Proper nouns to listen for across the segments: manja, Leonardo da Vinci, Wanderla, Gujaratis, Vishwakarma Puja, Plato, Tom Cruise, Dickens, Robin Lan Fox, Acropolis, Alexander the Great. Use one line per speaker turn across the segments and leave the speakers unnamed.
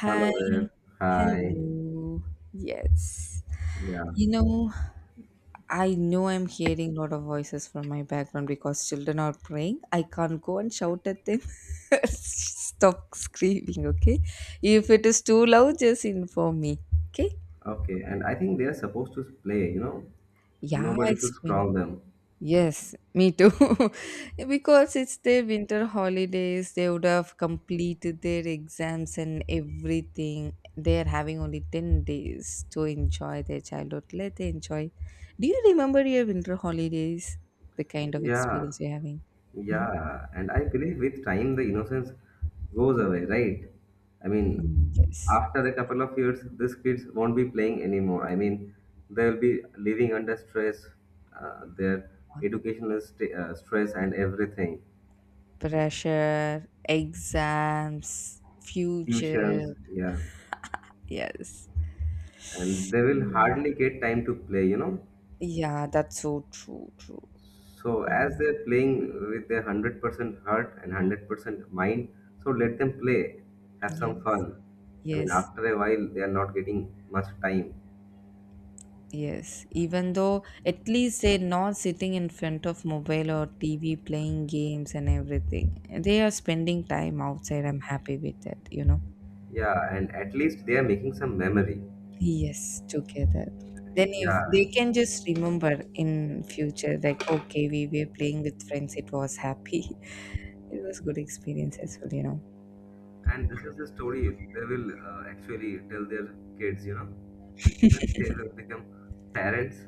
Hi,
Hello there. Hi.
hello. Yes.
Yeah.
You know, I know I'm hearing a lot of voices from my background because children are praying. I can't go and shout at them. Stop screaming, okay? If it is too loud, just inform me, okay?
Okay. And I think they are supposed to play.
Yeah,
Nobody
it's
should
fine.
scroll them.
Yes, me too. Because it's their winter holidays, they would have completed their exams and everything. They are having only 10 days to enjoy their childhood. Let them enjoy. Do you remember your winter holidays? The kind of
Yeah.
experience you're having? Mhm.
Yeah. And I believe with time the innocence goes away, right? I mean,
Mm, yes.
after a couple of years, these kids won't be playing anymore. I mean, they'll be living under stress, their educational stress and everything.
Pressure, exams,
Tuitions,
future.
yeah.
Yes.
And they will
Mm.
hardly get time to play.
Yeah, that's so true.
So as
Mm.
they're playing with their 100% heart and 100% mind, so let them play, have some
Yes,
fun. I mean,
yes.
after a while, they are not getting much time.
Yes, even though at least they're not sitting in front of mobile or TV playing games and everything. They are spending time outside. I'm happy with that.
Yeah, and at least they are making some memory.
Yes, together. Then if
Yeah,
they can just remember in future, like, okay, we were playing with friends, it was happy. It was good experience as well.
and this is the story they will actually tell their kids, when they will become parents.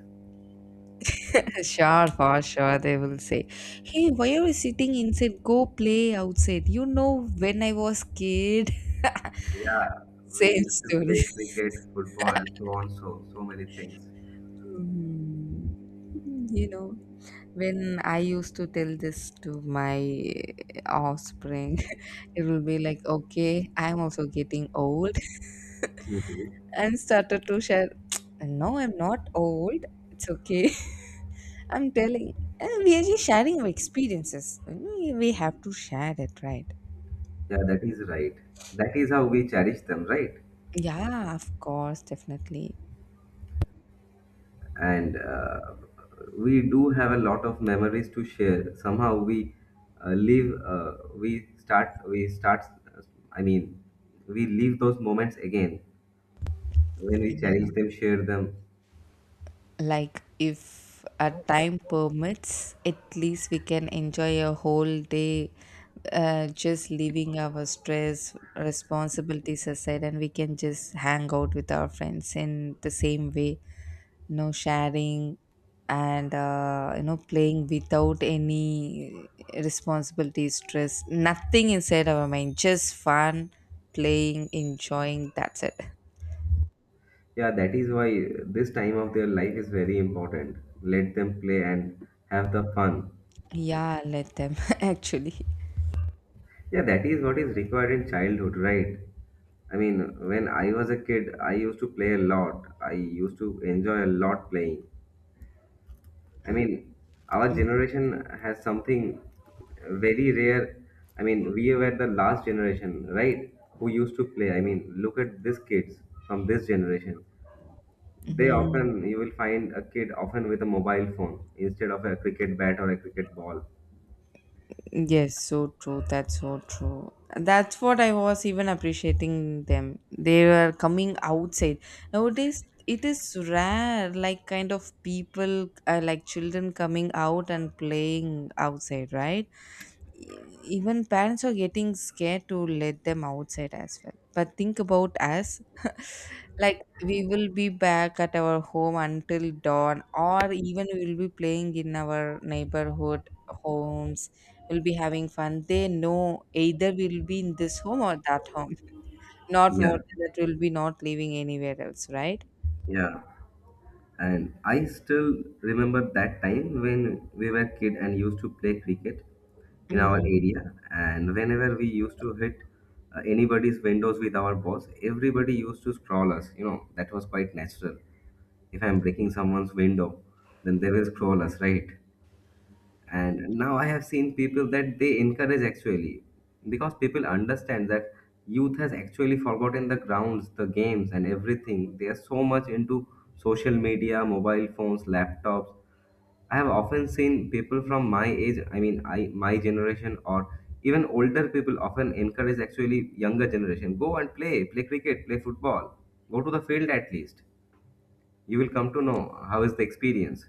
Sure, for sure, they will say, hey, why are you sitting inside? Go play outside. You know, when I was kid,
Yeah, we
same
used to
story.
play cricket, football, and so on. So many things.
Hmm. You know, when I used to tell this to my offspring, it will be like, okay, I'm also getting old,
Hmm.
and started to share, no, I'm not old. It's okay. I'm telling, and we are just sharing our experiences. You we have to share it, right?
Yeah, that is right. That is how we cherish them, right?
Yeah, of course, definitely.
And we do have a lot of memories to share. Somehow we live, we start, uh, I mean, we live those moments again when we
Yeah.
cherish them, share them.
Like, if our time permits, at least we can enjoy a whole day just leaving our stress, responsibilities aside, and we can just hang out with our friends in the same way. No sharing and you know, playing without any responsibility, stress, nothing inside our mind, just fun, playing, enjoying, that's it.
Yeah, that is why this time of their life is very important. Let them play and have the fun.
Yeah, let them, actually.
Yeah, that is what is required in childhood, right? I mean, when I was a kid, I used to play a lot. I used to enjoy a lot playing. I mean, our generation has something very rare. I mean, we were the last generation, right? Who used to play. I mean, look at these kids from this generation.
Mhm.
You will find a kid often with a mobile phone instead of a cricket bat or a cricket ball.
Yes, so true. That's so true. That's what I was even appreciating them. They were coming outside. Nowadays, it is rare, like kind of people, like children coming out and playing outside, right? Even parents are getting scared to let them outside as well, but think about us, like we will be back at our home until dawn, or even we will be playing in our neighborhood homes. We'll be having fun. They know either we'll be in this home or that home, not
Yeah,
more than that. We'll be not living anywhere else, right?
yeah. And I still remember that time when we were kid and used to play cricket in our
Hmm.
area. And whenever we used to hit anybody's windows with our balls, everybody used to scroll us. That was quite natural. If I'm breaking someone's window, then they will scroll us, right? And now I have seen people that they encourage actually, because people understand that youth has actually forgotten the grounds, the games and everything. They are so much into social media, mobile phones, laptops. I have often seen people from my age, I mean, I my generation, or even older people often encourage actually younger generation, go and play, play cricket, play football, go to the field. At least you will come to know how is the experience.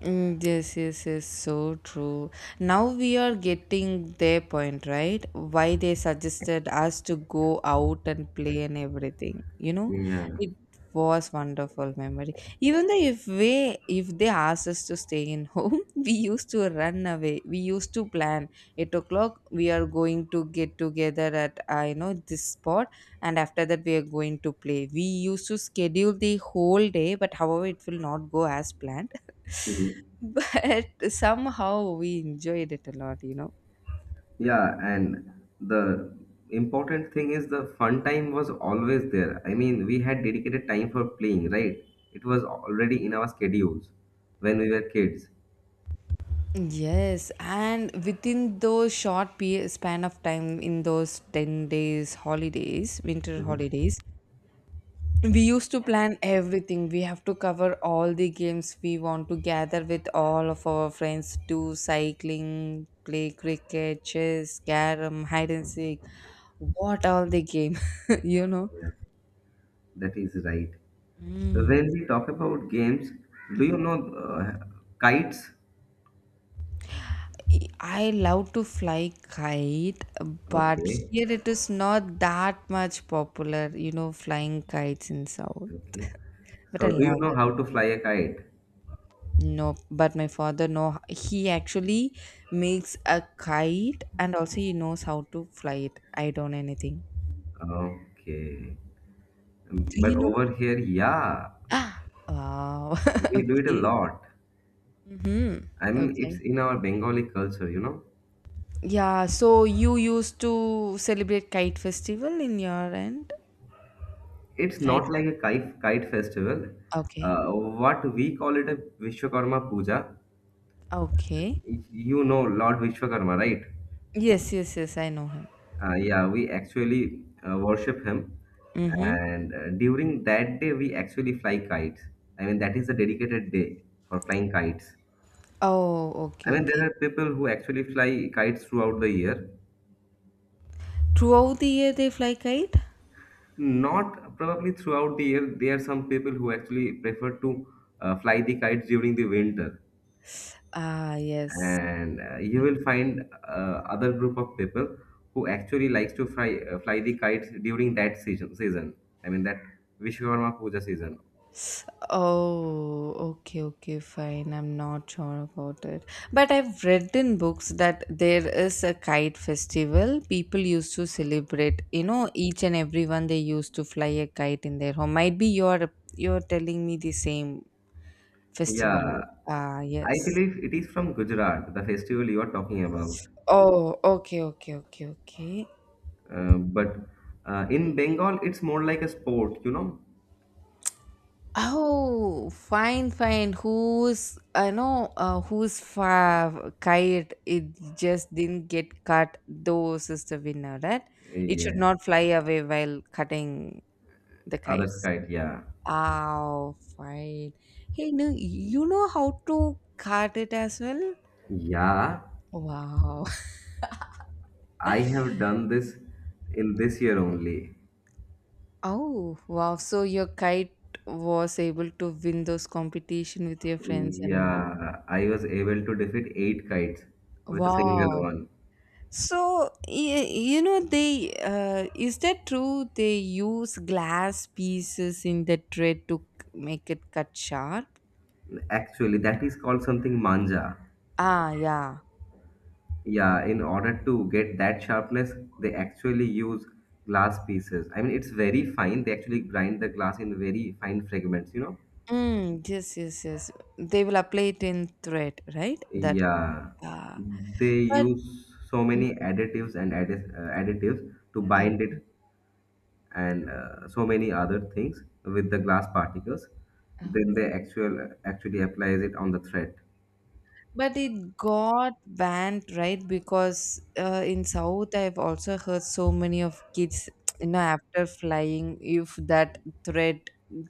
Mm, yes, yes, yes, so true. Now we are getting their point, right? Why they suggested us to go out and play and everything. You know,
Yeah.
it was wonderful memory. Even though if we if they asked us to stay in home, we used to run away. We used to plan 8 o'clock. We are going to get together at you know, this spot, and after that we are going to play. We used to schedule the whole day, but however, it will not go as planned. But somehow we enjoyed it a lot, you know.
Yeah, and the important thing is the fun time was always there. I mean, we had dedicated time for playing, right? It was already in our schedules when we were kids.
Yes, and within those short period span of time, in those 10 days holidays, winter
Mhm.
holidays, we used to plan everything. We have to cover all the games. We want to gather with all of our friends, do cycling, play cricket, chess, carom, hide and seek, what all the game. You know.
Yeah, that is right.
Mm.
When we talk about games, do you know kites?
I love to fly kite, but
Okay,
here it is not that much popular, you know, flying kites in South.
okay.
But I
So, do you
love
know
it.
how to fly a kite?
No, but my father know. He actually makes a kite, and also he knows how to fly it. I don't anything.
Okay.
Do
But
you know?
over here, yeah,
Ah, wow.
we do it a
Okay.
lot.
Mm-hmm.
I mean, it's
Okay.
in our Bengali culture, you know?
Yeah, so you used to celebrate kite festival in your end?
It's not
Kite.
like a kite festival.
Okay.
What we call it a Vishwakarma Puja.
Okay.
You know Lord Vishwakarma, right?
Yes, yes, yes, I know him.
Yeah, we actually worship him,
Mm-hmm.
and during that day we actually fly kites. I mean, that is a dedicated day for flying kites.
Oh,
I
okay,
mean, there
okay.
are people who actually fly kites throughout the year.
Throughout the year they fly kite?
Not probably throughout the year. There are some people who actually prefer to fly the kites during the winter.
Ah, yes.
And you will find other group of people who actually likes to fly the kites during that season, I mean, that Vishwakarma Puja season.
Oh, okay, okay, fine. I'm not sure about it. But I've read in books that there is a kite festival. People used to celebrate, you know, each and everyone they used to fly a kite in their home. Might be you're telling me the same festival. Ah,
Yeah, I
yes.
believe it is from Gujarat, the festival you are talking about.
Oh, okay, okay, okay, okay.
But in Bengal it's more like a sport.
Oh, fine, fine. Who's I know who's kite? It just didn't get cut. Those is the winner, right? It should
Yeah,
not fly away while cutting the
other
kites.
kite, yeah.
Oh, fine. Hey, no, you know how to cut it as well.
Yeah,
Wow.
I have done this in this year only.
Oh, wow. So your kite was able to win those competition with your friends and
Yeah, I was able to defeat eight kites with a single
wow.
one.
So you know they, is that true? They use glass pieces in the thread to make it cut sharp.
Actually, that is called something manja.
Ah, yeah.
Yeah, in order to get that sharpness, they actually use glass pieces. I mean, it's very fine. They actually grind the glass in very fine fragments, you know?
Mm, yes, yes, yes. They will apply it in thread, right? That.
Yeah,
Ah,
they
but.
use so
Mm,
many additives and additives to bind it, and so many other things with the glass particles. Then
okay.
they actually applies it on the thread.
But it got banned, right? Because in South, I've also heard so many of kids, you know, after flying, if that thread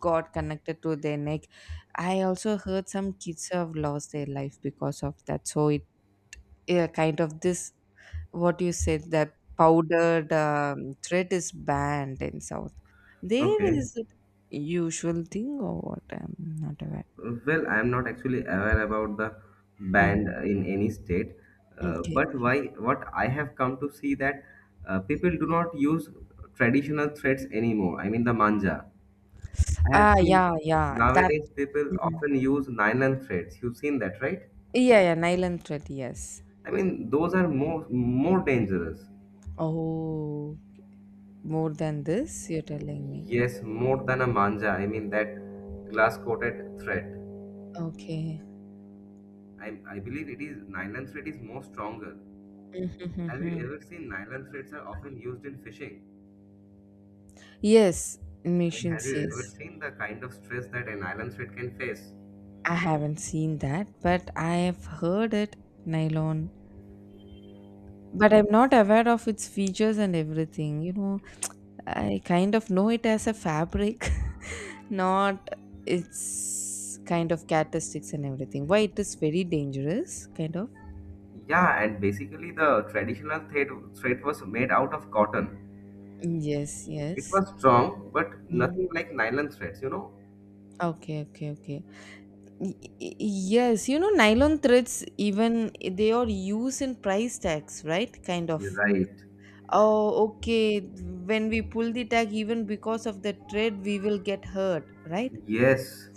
got connected to their neck, I also heard some kids have lost their life because of that. So it, yeah, kind of this, what you said, that powdered thread is banned in South. There
Okay.
is it usual thing or what? I'm not aware.
Well, I'm not actually aware about the band
Mhm.
in any state,
Okay.
but why? What I have come to see that people do not use traditional threads anymore. I mean, the manja. I have
Ah,
seen
yeah, yeah. That.
nowadays people
Mm-hmm.
often use nylon threads. You've seen that, right?
Yeah, yeah, nylon thread, yes.
I mean, those are more dangerous.
Oh. More than this, you're telling me.
Yes, more than a manja. I mean, that glass coated thread.
Okay.
I believe it is nylon thread is more stronger. Have you
Mhm.
ever seen nylon threads are often used in fishing?
Yes,
I mean, have
machines,
you
yes.
ever seen the kind of stress that a nylon thread can face?
I haven't seen that, but I have heard it, nylon. But I'm not aware of its features and everything. You know, I kind of know it as a fabric, not its kind of characteristics and everything. Why it is very dangerous, kind of.
Yeah, and basically the traditional thread was made out of cotton.
Yes,
It
yes.
was strong, but
Mhm.
nothing like nylon threads, you know?
Okay, okay, okay. Yes, you know, nylon threads, even they are used in price tags, right? Kind of.
Right.
Oh, okay. When we pull the tag, even because of the thread, we will get hurt, right?
Yes.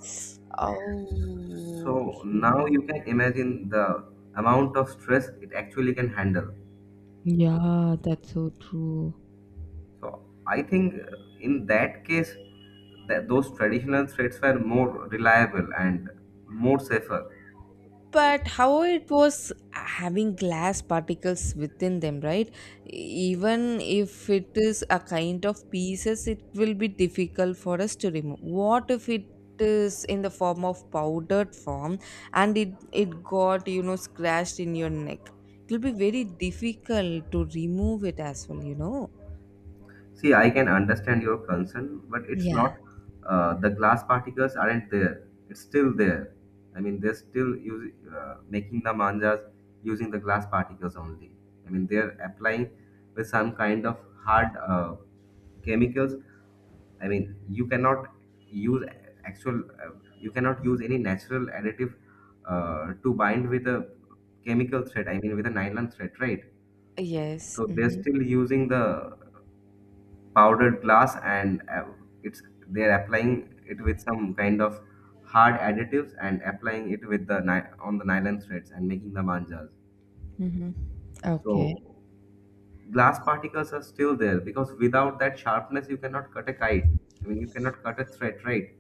Oh,
So now
okay.
you can imagine the amount of stress it actually can handle.
Yeah, that's so true.
So I think in that case, that those traditional threads were more reliable and more safer.
But how it was having glass particles within them, right? Even if it is a kind of pieces, it will be difficult for us to remove. What if it is in the form of powdered form, and it got, you know, scratched in your neck, it will be very difficult to remove it as well, you know.
See, I can understand your concern, but it's
Yeah.
not. The glass particles aren't there. It's still there. I mean, they're still using making the manjas using the glass particles only. I mean, they're applying with some kind of hard chemicals. I mean, you cannot use actual. Uh, use any natural additive to bind with a chemical thread. I mean, with a nylon thread, right?
Yes,
So they're
hmm.
still using the powdered glass, and it's they're applying it with some kind of hard additives, and applying it on the nylon threads and making the manjas.
Mm-hmm. Okay.
So glass particles are still there, because without that sharpness you cannot cut a kite. I mean, you cannot cut a thread, right?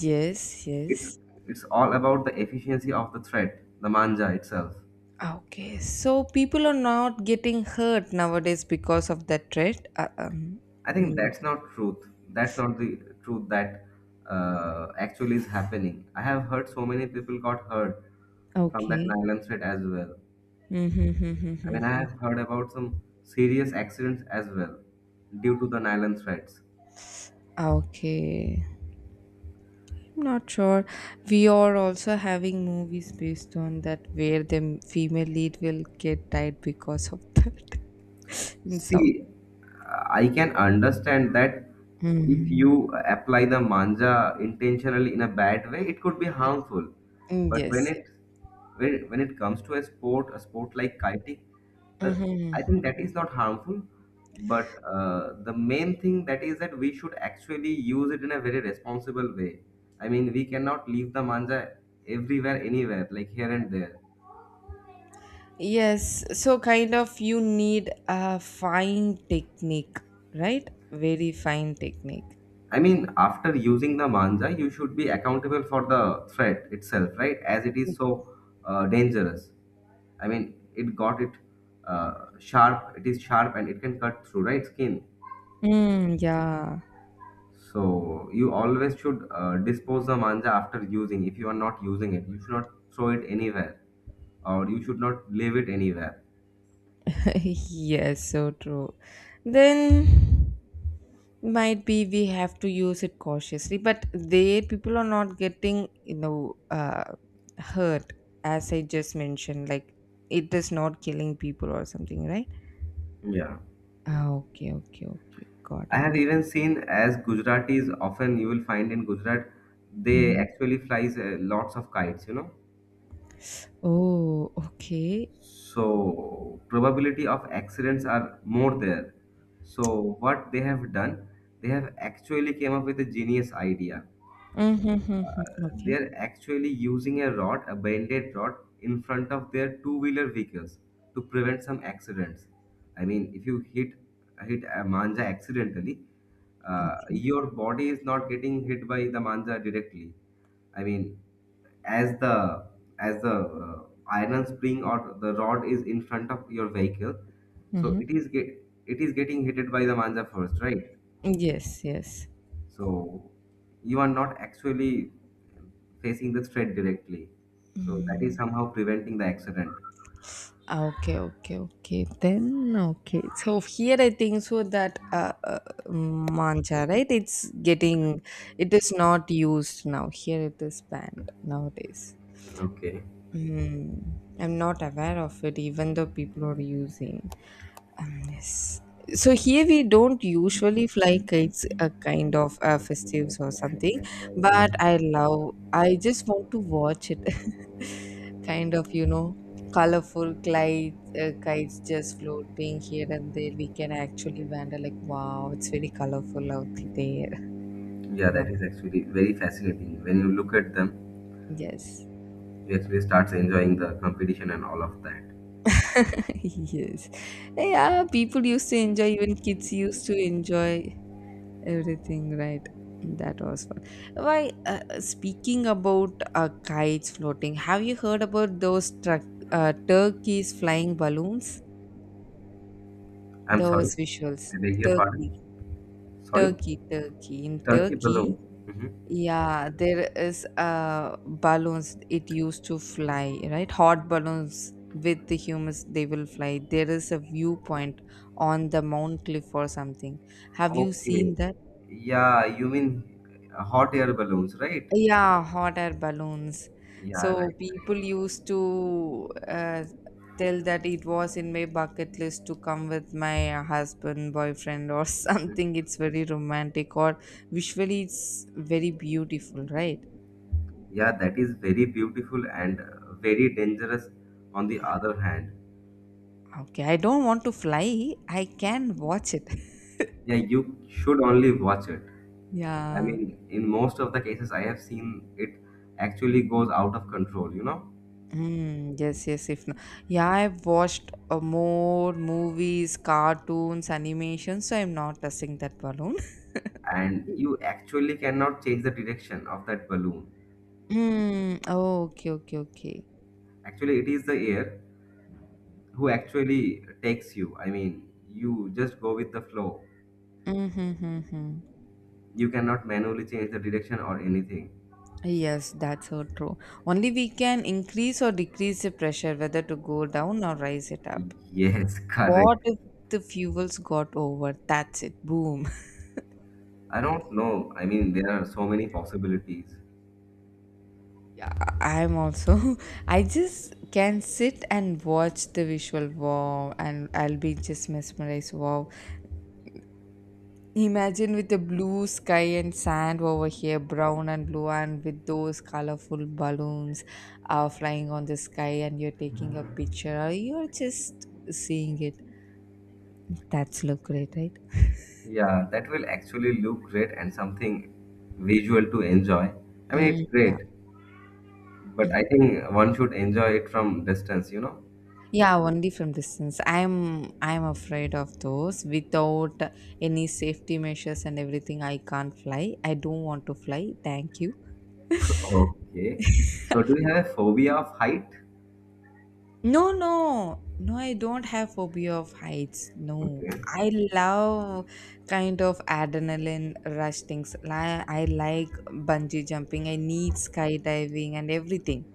Yes,
it's
yes.
it's all about the efficiency of the thread, the manja itself.
Okay, so people are not getting hurt nowadays because of that, right?
I think
Mm,
that's not truth. That's not the truth that actually is happening. I have heard so many people got hurt from that
okay.
nylon thread as well.
Mm-hmm, mm-hmm,
I
mm-hmm,
mean, I
mm-hmm.
have heard about some serious accidents as well due to the nylon threads.
Okay. I'm not sure. We are also having movies based on that where the female lead will get died because of that in South.
See, I can understand that if
Mm.
you apply the manja intentionally in a bad way, it could be harmful.
Mm,
But when
yes.
it when, when it comes to a sport like kiting, well,
Yeah. Mm-hmm.
I think that is not harmful. But the main thing that is that we should actually use it in a very responsible way. I mean, we cannot leave the manja everywhere, anywhere, like here and there.
Yes. So kind of you need a fine technique, right? Very fine technique.
I mean, after using the manja, you should be accountable for the threat itself, right? As it is so dangerous. I mean, it got it sharp. It is sharp and it can cut through, right, skin.
Mm, yeah.
So you always should dispose the manja after using. If you are not using it, you should not throw it anywhere, or you should not leave it anywhere.
Yes, so true. Then might be we have to use it cautiously, but they people are not getting, you know, hurt, as I just mentioned. Like, it is not killing people or something, right?
Yeah.
Ah, okay, okay, okay, got
I
it.
have even seen as Gujaratis often you will find in Gujarat, they
Mhm.
actually flies lots of kites.
Oh, okay.
So probability of accidents are more there, so what they have done, they have actually came up with a genius idea.
Mm-hmm, mm-hmm.
They
Okay,
are actually using a rod, a bended rod, in front of their two wheeler vehicles to prevent some accidents. I mean, if you hit a manja accidentally,
okay.
your body is not getting hit by the manja directly. I mean, as the as the iron spring or the rod is in front of your vehicle, so
Mm-hmm.
it is getting hit by the manja first, right?
Yes, yes.
So you are not actually facing the threat directly, so that is
Mm.
somehow preventing the accident.
Ah, okay, okay, okay. Then okay. So here I think so that mancha, right? It's getting, it is not used now. Here it is banned nowadays.
Okay.
Mm, I'm not aware of it, even though people are using. Yes. So here we don't usually fly kites, a kind of festives or something. But I love. I just want to watch it. Kind of, you know, colorful kites, kites just floating here and there, we can actually wander like, wow, it's very colorful out there.
Yeah,
You know.
that is actually very fascinating when you look at them.
Yes.
You actually starts enjoying the competition and all of that.
Yes. Yeah, people used to enjoy, even kids used to enjoy everything, right? That was fun. Why speaking about kites floating, have you heard about those truck, turkeys flying balloons,
I'm sorry.
those visuals,
I beg your pardon.
turkey.
Sorry.
Turkey, Turkey. In
Turkey
Turkey,
balloon. Mhm.
yeah, there is balloons it used to fly, right? Hot balloons with the humans, they will fly. There is a viewpoint on the Mount Cliff or something. Have you
Okay.
seen that?
Yeah, you mean hot air balloons, right?
Yeah, hot air balloons.
Yeah, right,
So
right.
people used to tell that it was in my bucket list to come with my husband, boyfriend, or
Hmm.
something. It's very romantic, or visually, it's very beautiful, right?
Yeah, that is very beautiful and very dangerous on the other hand.
Okay, I don't want to fly. I can watch it.
Yeah, you should only watch it. I
Yeah.
mean, in most of the cases I have seen, it actually goes out of control, you know?
Mm, yes, yes, if no. Yeah, I've watched more movies, cartoons, animations, so I'm not touching that balloon.
And you actually cannot change the direction of that balloon.
Mm, oh, okay, okay, okay.
Actually, it is the air who actually takes you. I mean, you just go with the flow.
Mm-hmm. Mm-hmm.
You cannot manually change the direction or anything.
Yes, that's so true. Only we can increase or decrease the pressure, whether to go down or rise it up.
Yes,
What
correct.
if the fuels got over? That's it. Boom.
I don't know. I mean, there are so many possibilities.
Yeah, I'm also. I just can sit and watch the visual, wow, and I'll be just mesmerized. Wow, imagine with the blue sky and sand over here, brown and blue, and with those colorful balloons flying on the sky, and you're taking a picture, or you're just seeing it. That's look great, right?
Yeah, that will actually look great and something visual to enjoy. I mean,
Mm,
it's
yeah.
great, but I
Mhm.
think one should enjoy it from distance, you know?
Yeah, only from distance. I'm afraid of those. Without any safety measures and everything, I can't fly. I don't want to fly. Thank you.
Okay. So, do you have a phobia of height?
No, no, no, I don't have phobia of heights. No,
Okay.
I love kind of adrenaline rush things. I like bungee jumping, I need skydiving and everything.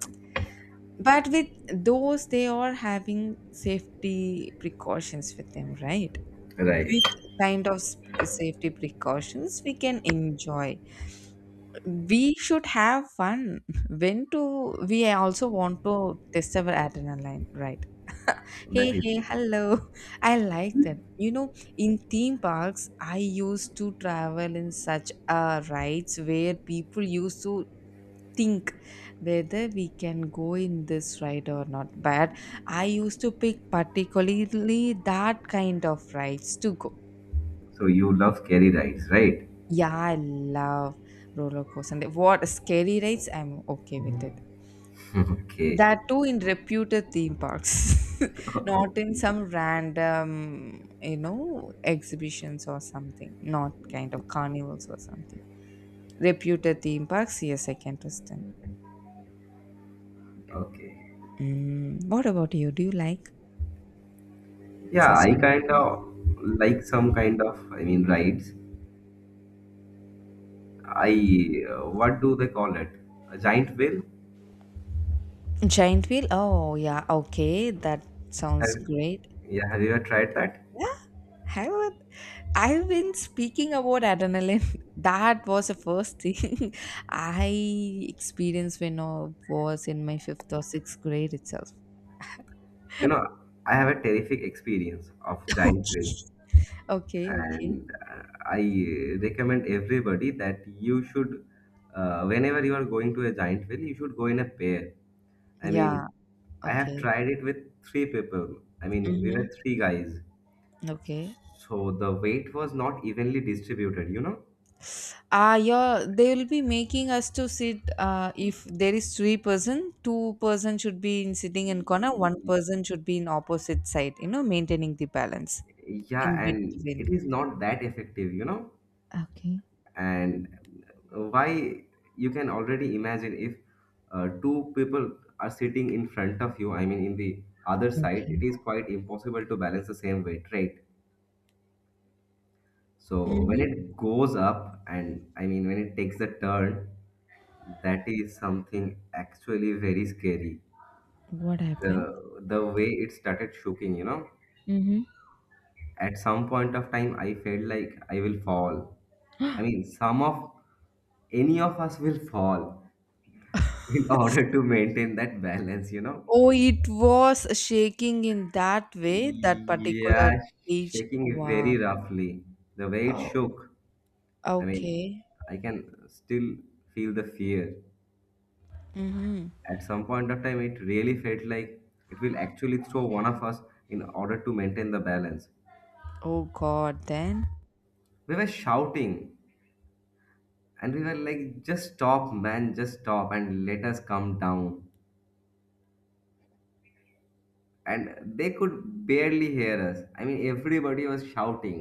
But with those, they are having safety precautions with them, right? With
Right.
kind of safety precautions, we can enjoy. We should have fun. We also want to test our adrenaline, right?
That
Hey,
is
hey,
so.
hello. I like that. You know, in theme parks, I used to travel in such rides where people used to think whether we can go in this ride or not. But I used to pick particularly that kind of rides to go.
So, you love scary rides, right?
Yeah, I love roller coaster. And what scary rides? I'm okay with it.
Okay.
That too in reputed theme parks, not in some
Okay.
random, exhibitions or something, not kind of carnivals or something. Reputed theme parks, yes, I can trust them.
Okay.
What about you? Do you like
Yeah,
such
I
kind
kind
of
of like some kind of, rides. I what do they call it? A giant wheel?
things? Giant wheel? Oh, yeah, okay, that sounds
Have,
great.
yeah, have you ever tried that?
Yeah, I would. I've been speaking about adrenaline. That was the first thing I experienced when I was in my fifth or sixth grade itself.
You know, I have a terrific experience of giant wheel,
Okay, okay.
and I recommend everybody that you should, whenever you are going to a giant wheel, you should go in a pair. I
Yeah,
mean, I have
okay.
tried it with three people. I mean, we were
Mm-hmm.
three guys.
Okay.
So the weight was not evenly distributed,
Ah, yeah, they will be making us to sit. If there is three person, two-person should be in sitting in corner, one person should be in opposite side. You know, maintaining the balance in
Yeah, and
between.
it is not that effective,
Okay.
and why, you can already imagine if two people are sitting in front of you, in the other side, it
Okay.
is quite impossible to balance the same weight, right? So when
Mm-hmm.
it goes up and, when it takes a turn, that is something actually very scary,
What happened?
the way it started shaking,
Mhm.
at some point of time, I felt like I will fall. I mean some of Any of us will fall in order to maintain that balance,
Oh, it was shaking in that way, that
yeah,
particular cage.
shaking very
Wow.
roughly, the way it
Oh,
shook. i mean
okay.
I can still feel the fear.
Hmm.
At some point of time, it really felt like it will actually throw one of us in order to maintain the balance.
Oh God, then.
We were shouting and we were like, just stop man, just stop and let us come down, and they could barely hear us. Everybody was shouting.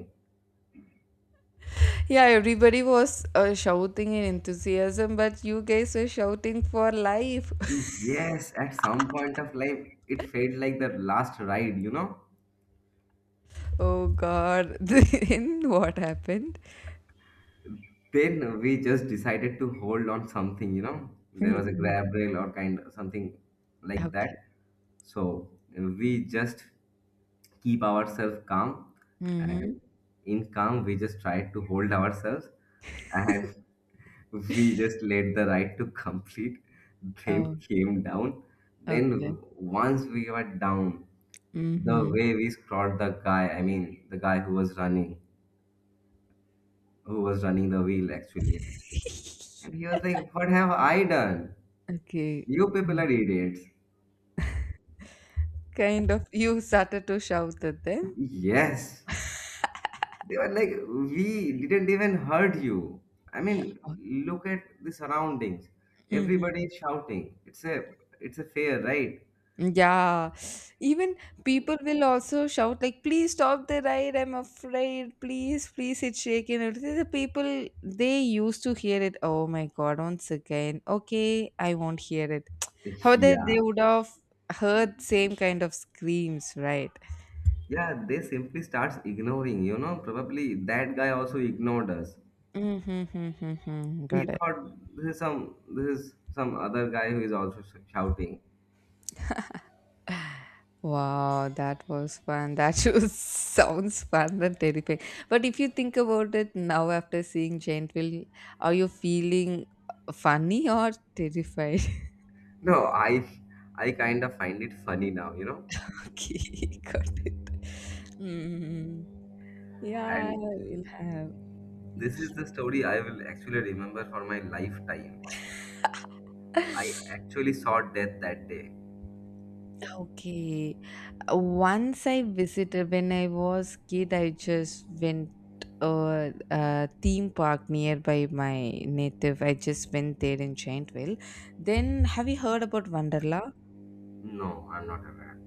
Yeah, everybody was shouting in enthusiasm, but you guys were shouting for life.
Yes, at some point of life, it felt like the last ride,
Oh God. Then what happened?
then we just decided to hold on something, there was a grab rail or kind something like
Okay.
that. So we just keep ourselves calm,
Hmm.
and in calm we just try to hold ourselves, and we just let the ride to complete, then
Oh,
came down,
okay.
then once we were down, the
Mm-hmm.
way we scrawled the guy, the guy who was running, the wheel actually. And he was like, What have I done?
Okay.
You people
Mm.
are idiots.
Kind of, you started to shout at them.
Yes. They were like, We didn't even hurt you. I mean,
Oh,
look at the surroundings. Everybody
mhm.
is shouting. It's a fair, right?
Yeah, even people will also shout like, "Please stop the ride! I'm afraid! Please, please, it's shaking!" And the people they used to hear it. Oh my God! Once again, okay, I won't hear it. How they
Yeah.
they would have heard same kind of screams, right?
Yeah, they simply starts ignoring, Probably that guy also ignored us.
Mm-hmm,
He
got it.
thought this is some other guy who is also shouting.
Wow, that was fun. That shows sounds fun and terrifying. But if you think about it now after seeing Gentle, are you feeling funny or terrified?
No, I kind of find it funny now,
Okay, got it. Hmm. Yeah,
And
we'll have.
this is the story I will actually remember for my lifetime. I actually saw death that day.
Okay. Once I visited when I was kid, I just went a theme park nearby my native. I just went there in Giantville. Then have you heard about Wanderla?
No, I'm not aware.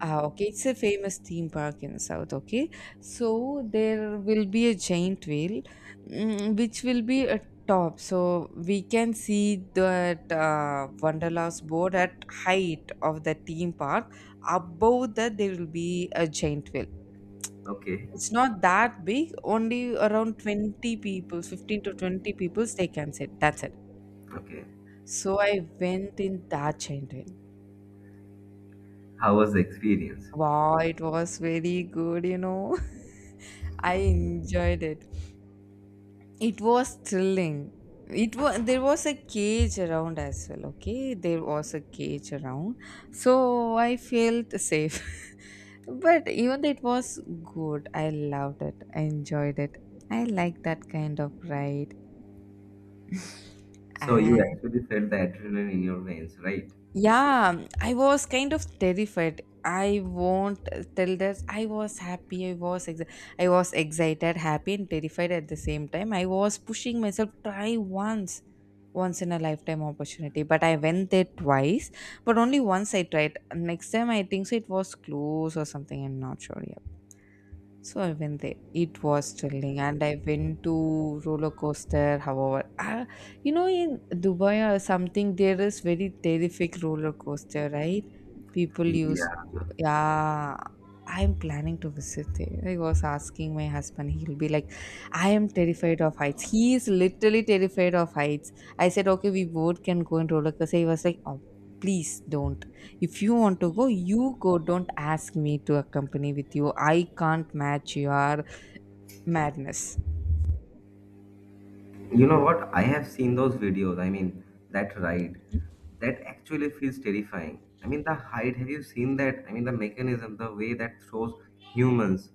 Ah, okay. It's a famous theme park in South. Okay, so there will be a giant whale, which will be at top. So we can see that Wanderlust board at height of the theme park. Above that, there will be a giant whale.
Okay,
It's not that big. Only around 20 people, 15 to 20 people, they can sit. That's it.
okay.
So I went in that giant whale.
How was the experience?
Wow, it was very good. You know. I enjoyed it. It was thrilling. It was there was a cage around as well. Okay, there was a cage around, so I felt safe. But even though it was good. I loved it. I enjoyed it. I like that kind of ride.
So you
And
actually felt the adrenaline in your veins, right?
yeah, I was kind of terrified. I won't tell that I was happy. I was ex. I was excited, happy, and terrified at the same time. I was pushing myself. Try once. Once in a lifetime opportunity, but I went there twice. But only once I tried. Next time, I think so, it was close or something. I'm not sure. Yeah. So I went there. It was thrilling, and I went to roller coaster. However, in Dubai or something, there is very terrific roller coaster, right? People used.
Yeah.
Yeah, I'm planning to visit there. I was asking my husband, he'll be like, I am terrified of heights. He is literally terrified of heights. I said, okay, we both can go and roller coaster. He was like, oh, please don't. If you want to go, you go. Don't ask me to accompany with you. I can't match your madness.
You know what? I have seen those videos. I mean, that ride, that actually feels terrifying. I mean, the height, have you seen that? I mean, the mechanism, the way that shows humans,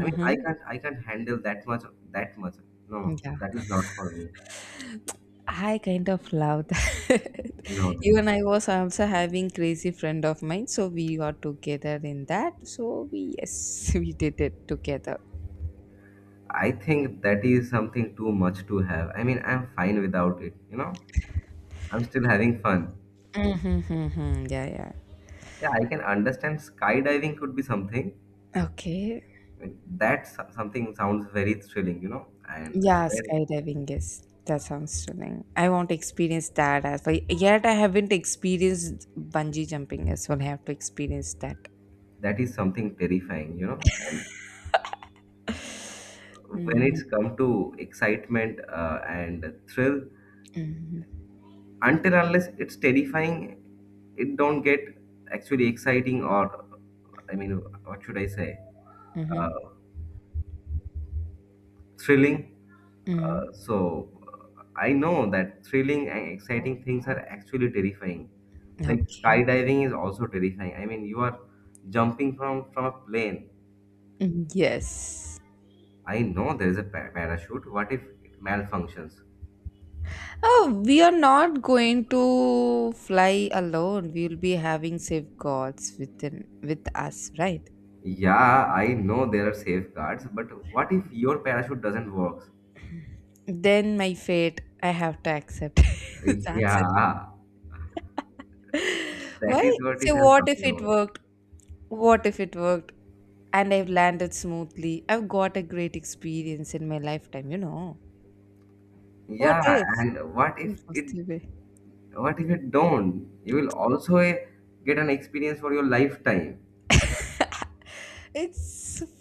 I can't handle that much, that much. No,
Yeah.
that is not for me.
I kind of loved that.
No, no, no.
Even I was also having crazy friend of mine, so we got together in that. So we, yes, we did it together.
I think that is something too much to have. I mean, I'm fine without it. You know, I'm still having fun.
Mm-hmm, yeah, yeah.
Yeah, I can understand skydiving could be something.
Okay.
I mean, that something sounds very thrilling, you know, and
Yeah,
when
skydiving is that sounds stunning. I want to experience that as well. Yet I haven't experienced bungee jumping as well. I have to experience that.
that is something terrifying, and when
Mm-hmm,
it's come to excitement and thrill,
mm-hmm,
until unless it's terrifying, it don't get actually exciting or, I mean, what should I say, uh, thrilling.
mm-hmm.
So I know that thrilling and exciting things are actually terrifying. Like
Okay.
skydiving is also terrifying. I mean, you are jumping from a plane.
Mm, yes.
I know there is a parachute. What if it malfunctions?
Oh, we are not going to fly alone. We will be having safeguards with us, right?
Yeah, I know there are safeguards, but what if your parachute doesn't work?
Then my fate, I have to accept. That's it.
Yeah, that
Why?
is what is
So
I'm
what if
talking
it
about.
worked? What if it worked? And I've landed smoothly. I've got a great experience in my lifetime. You know what
Yeah,
if?
and
In positive way.
what if it don't? You will also get an experience for your lifetime.
It's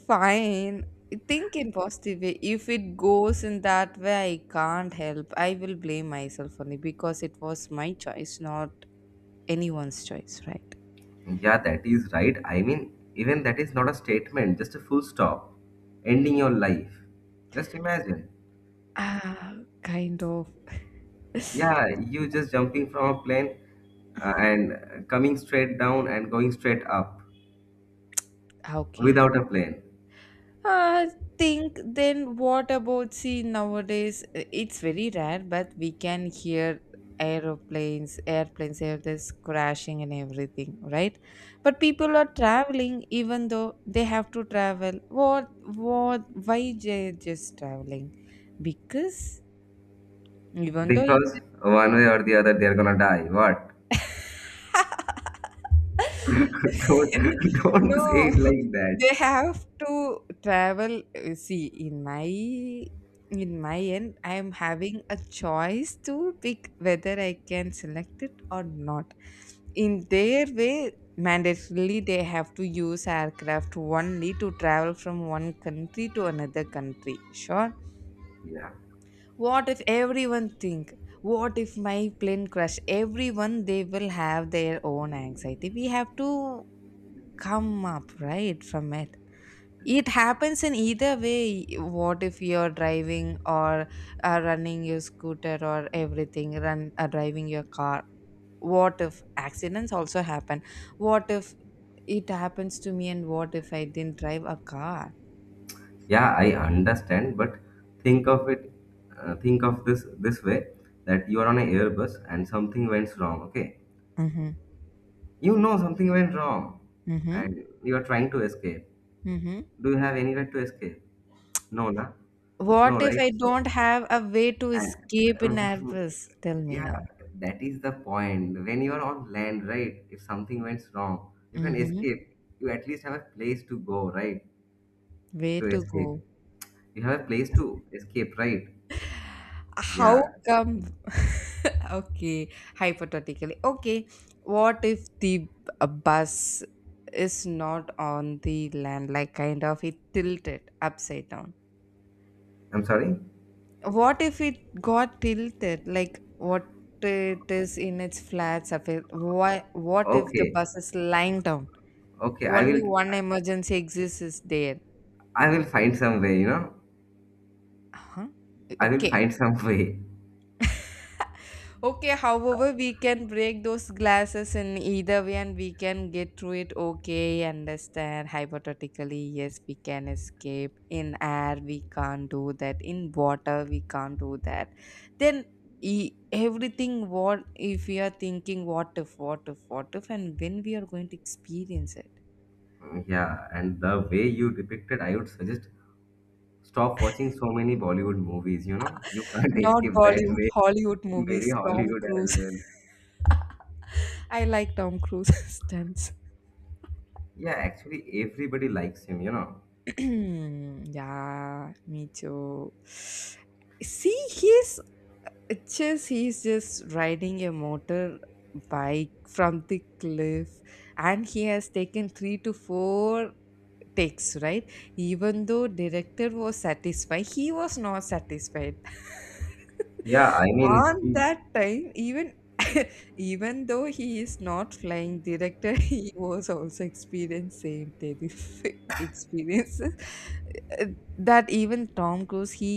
fine. Think in positive way. If it goes in that way, I can't help. I will blame myself only because it was my choice, not anyone's choice, right?
Yeah, that is right. I mean, even that is not a statement, just a full stop. Ending your life. Just imagine.
Ah, kind of.
Yeah, you just jumping from a plane and coming straight down and going straight up
Okay.
without a plane.
I think then, what about see nowadays, it's very rare, but we can hear aeroplanes airplanes airplanes crashing and everything, right? But people are traveling even though they have to travel. What why they just traveling? Because even though it.
Because one way or the other, they're gonna die. What? don't don't say
No,
it like that.
they have to travel. See, in my end, I am having a choice to pick whether I can select it or not. In their way, mandatorily they have to use aircraft only to travel from one country to another country. Sure,
yeah
what if everyone think what if my plane crash? Everyone, they will have their own anxiety. We have to come up right from it. It happens in either way. What if you're driving or running your scooter or everything, run driving your car, what if accidents also happen? What if it happens to me, and what if I didn't drive a car?
yeah, I understand, but think of it, think of this way, that you are on an airbus and something went wrong. Okay,
Mm-hmm,
you know something went wrong
mm-hmm,
and you are trying to escape.
mm-hmm.
Do you have any right to escape? No na. No,
What if
right?
I
So,
don't have a way to
and
escape in
uh,
Airbus? Tell me
yeah,
now.
that is the point. When you are on land, right, if something went wrong, you can
Mm-hmm.
escape. You at least have a place to go, right?
Way
To
to
escape,
go.
you have a place to escape, right?
How
Yeah.
come? Okay, hypothetically. Okay, what if the bus is not on the land, like kind of it tilted upside down?
I'm sorry?
What if it got tilted, like what it is in its flat surface? Why? What if the
Okay.
bus is lying down?
Okay.
Only one emergency exists is there.
I will find some way, you know.
Huh?
I will
Okay.
find some way.
Okay, however, we can break those glasses in either way and we can get through it. Okay, understand. Hypothetically, yes, we can escape. In air, we can't do that. In water, we can't do that. Then everything what if we are thinking, what if, what if, what if, and when we are going to experience it.
Yeah, and the way you depicted, I would suggest stop watching so many Bollywood movies, you know. You can't
Not
escape that
Bollywood,
way.
Hollywood
Maybe
movies, Tom
Hollywood as
Cruise.
well.
I like Tom Cruise stunts.
Yeah, actually everybody likes him, you know.
Yeah, me too. See, he's just riding a motor bike from the cliff, and he has taken three to four takes. Right, even though director was satisfied, he was not satisfied.
Yeah, I mean
On
he.
that time, even even though he is not flying director, he was also experienced same terrific experiences. Uh, that even Tom Cruise, he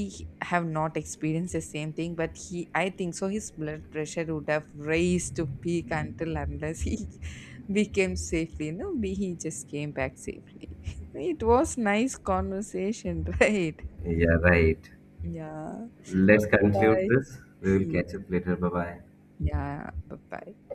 have not experienced the same thing, but he, I think so, his blood pressure would have raised to peak until unless he became safely, no, be he just came back safely. It was nice conversation, right?
Yeah, right.
Yeah,
Let's
okay,
conclude
bye.
this. We will catch up later. Bye bye.
Yeah, bye bye.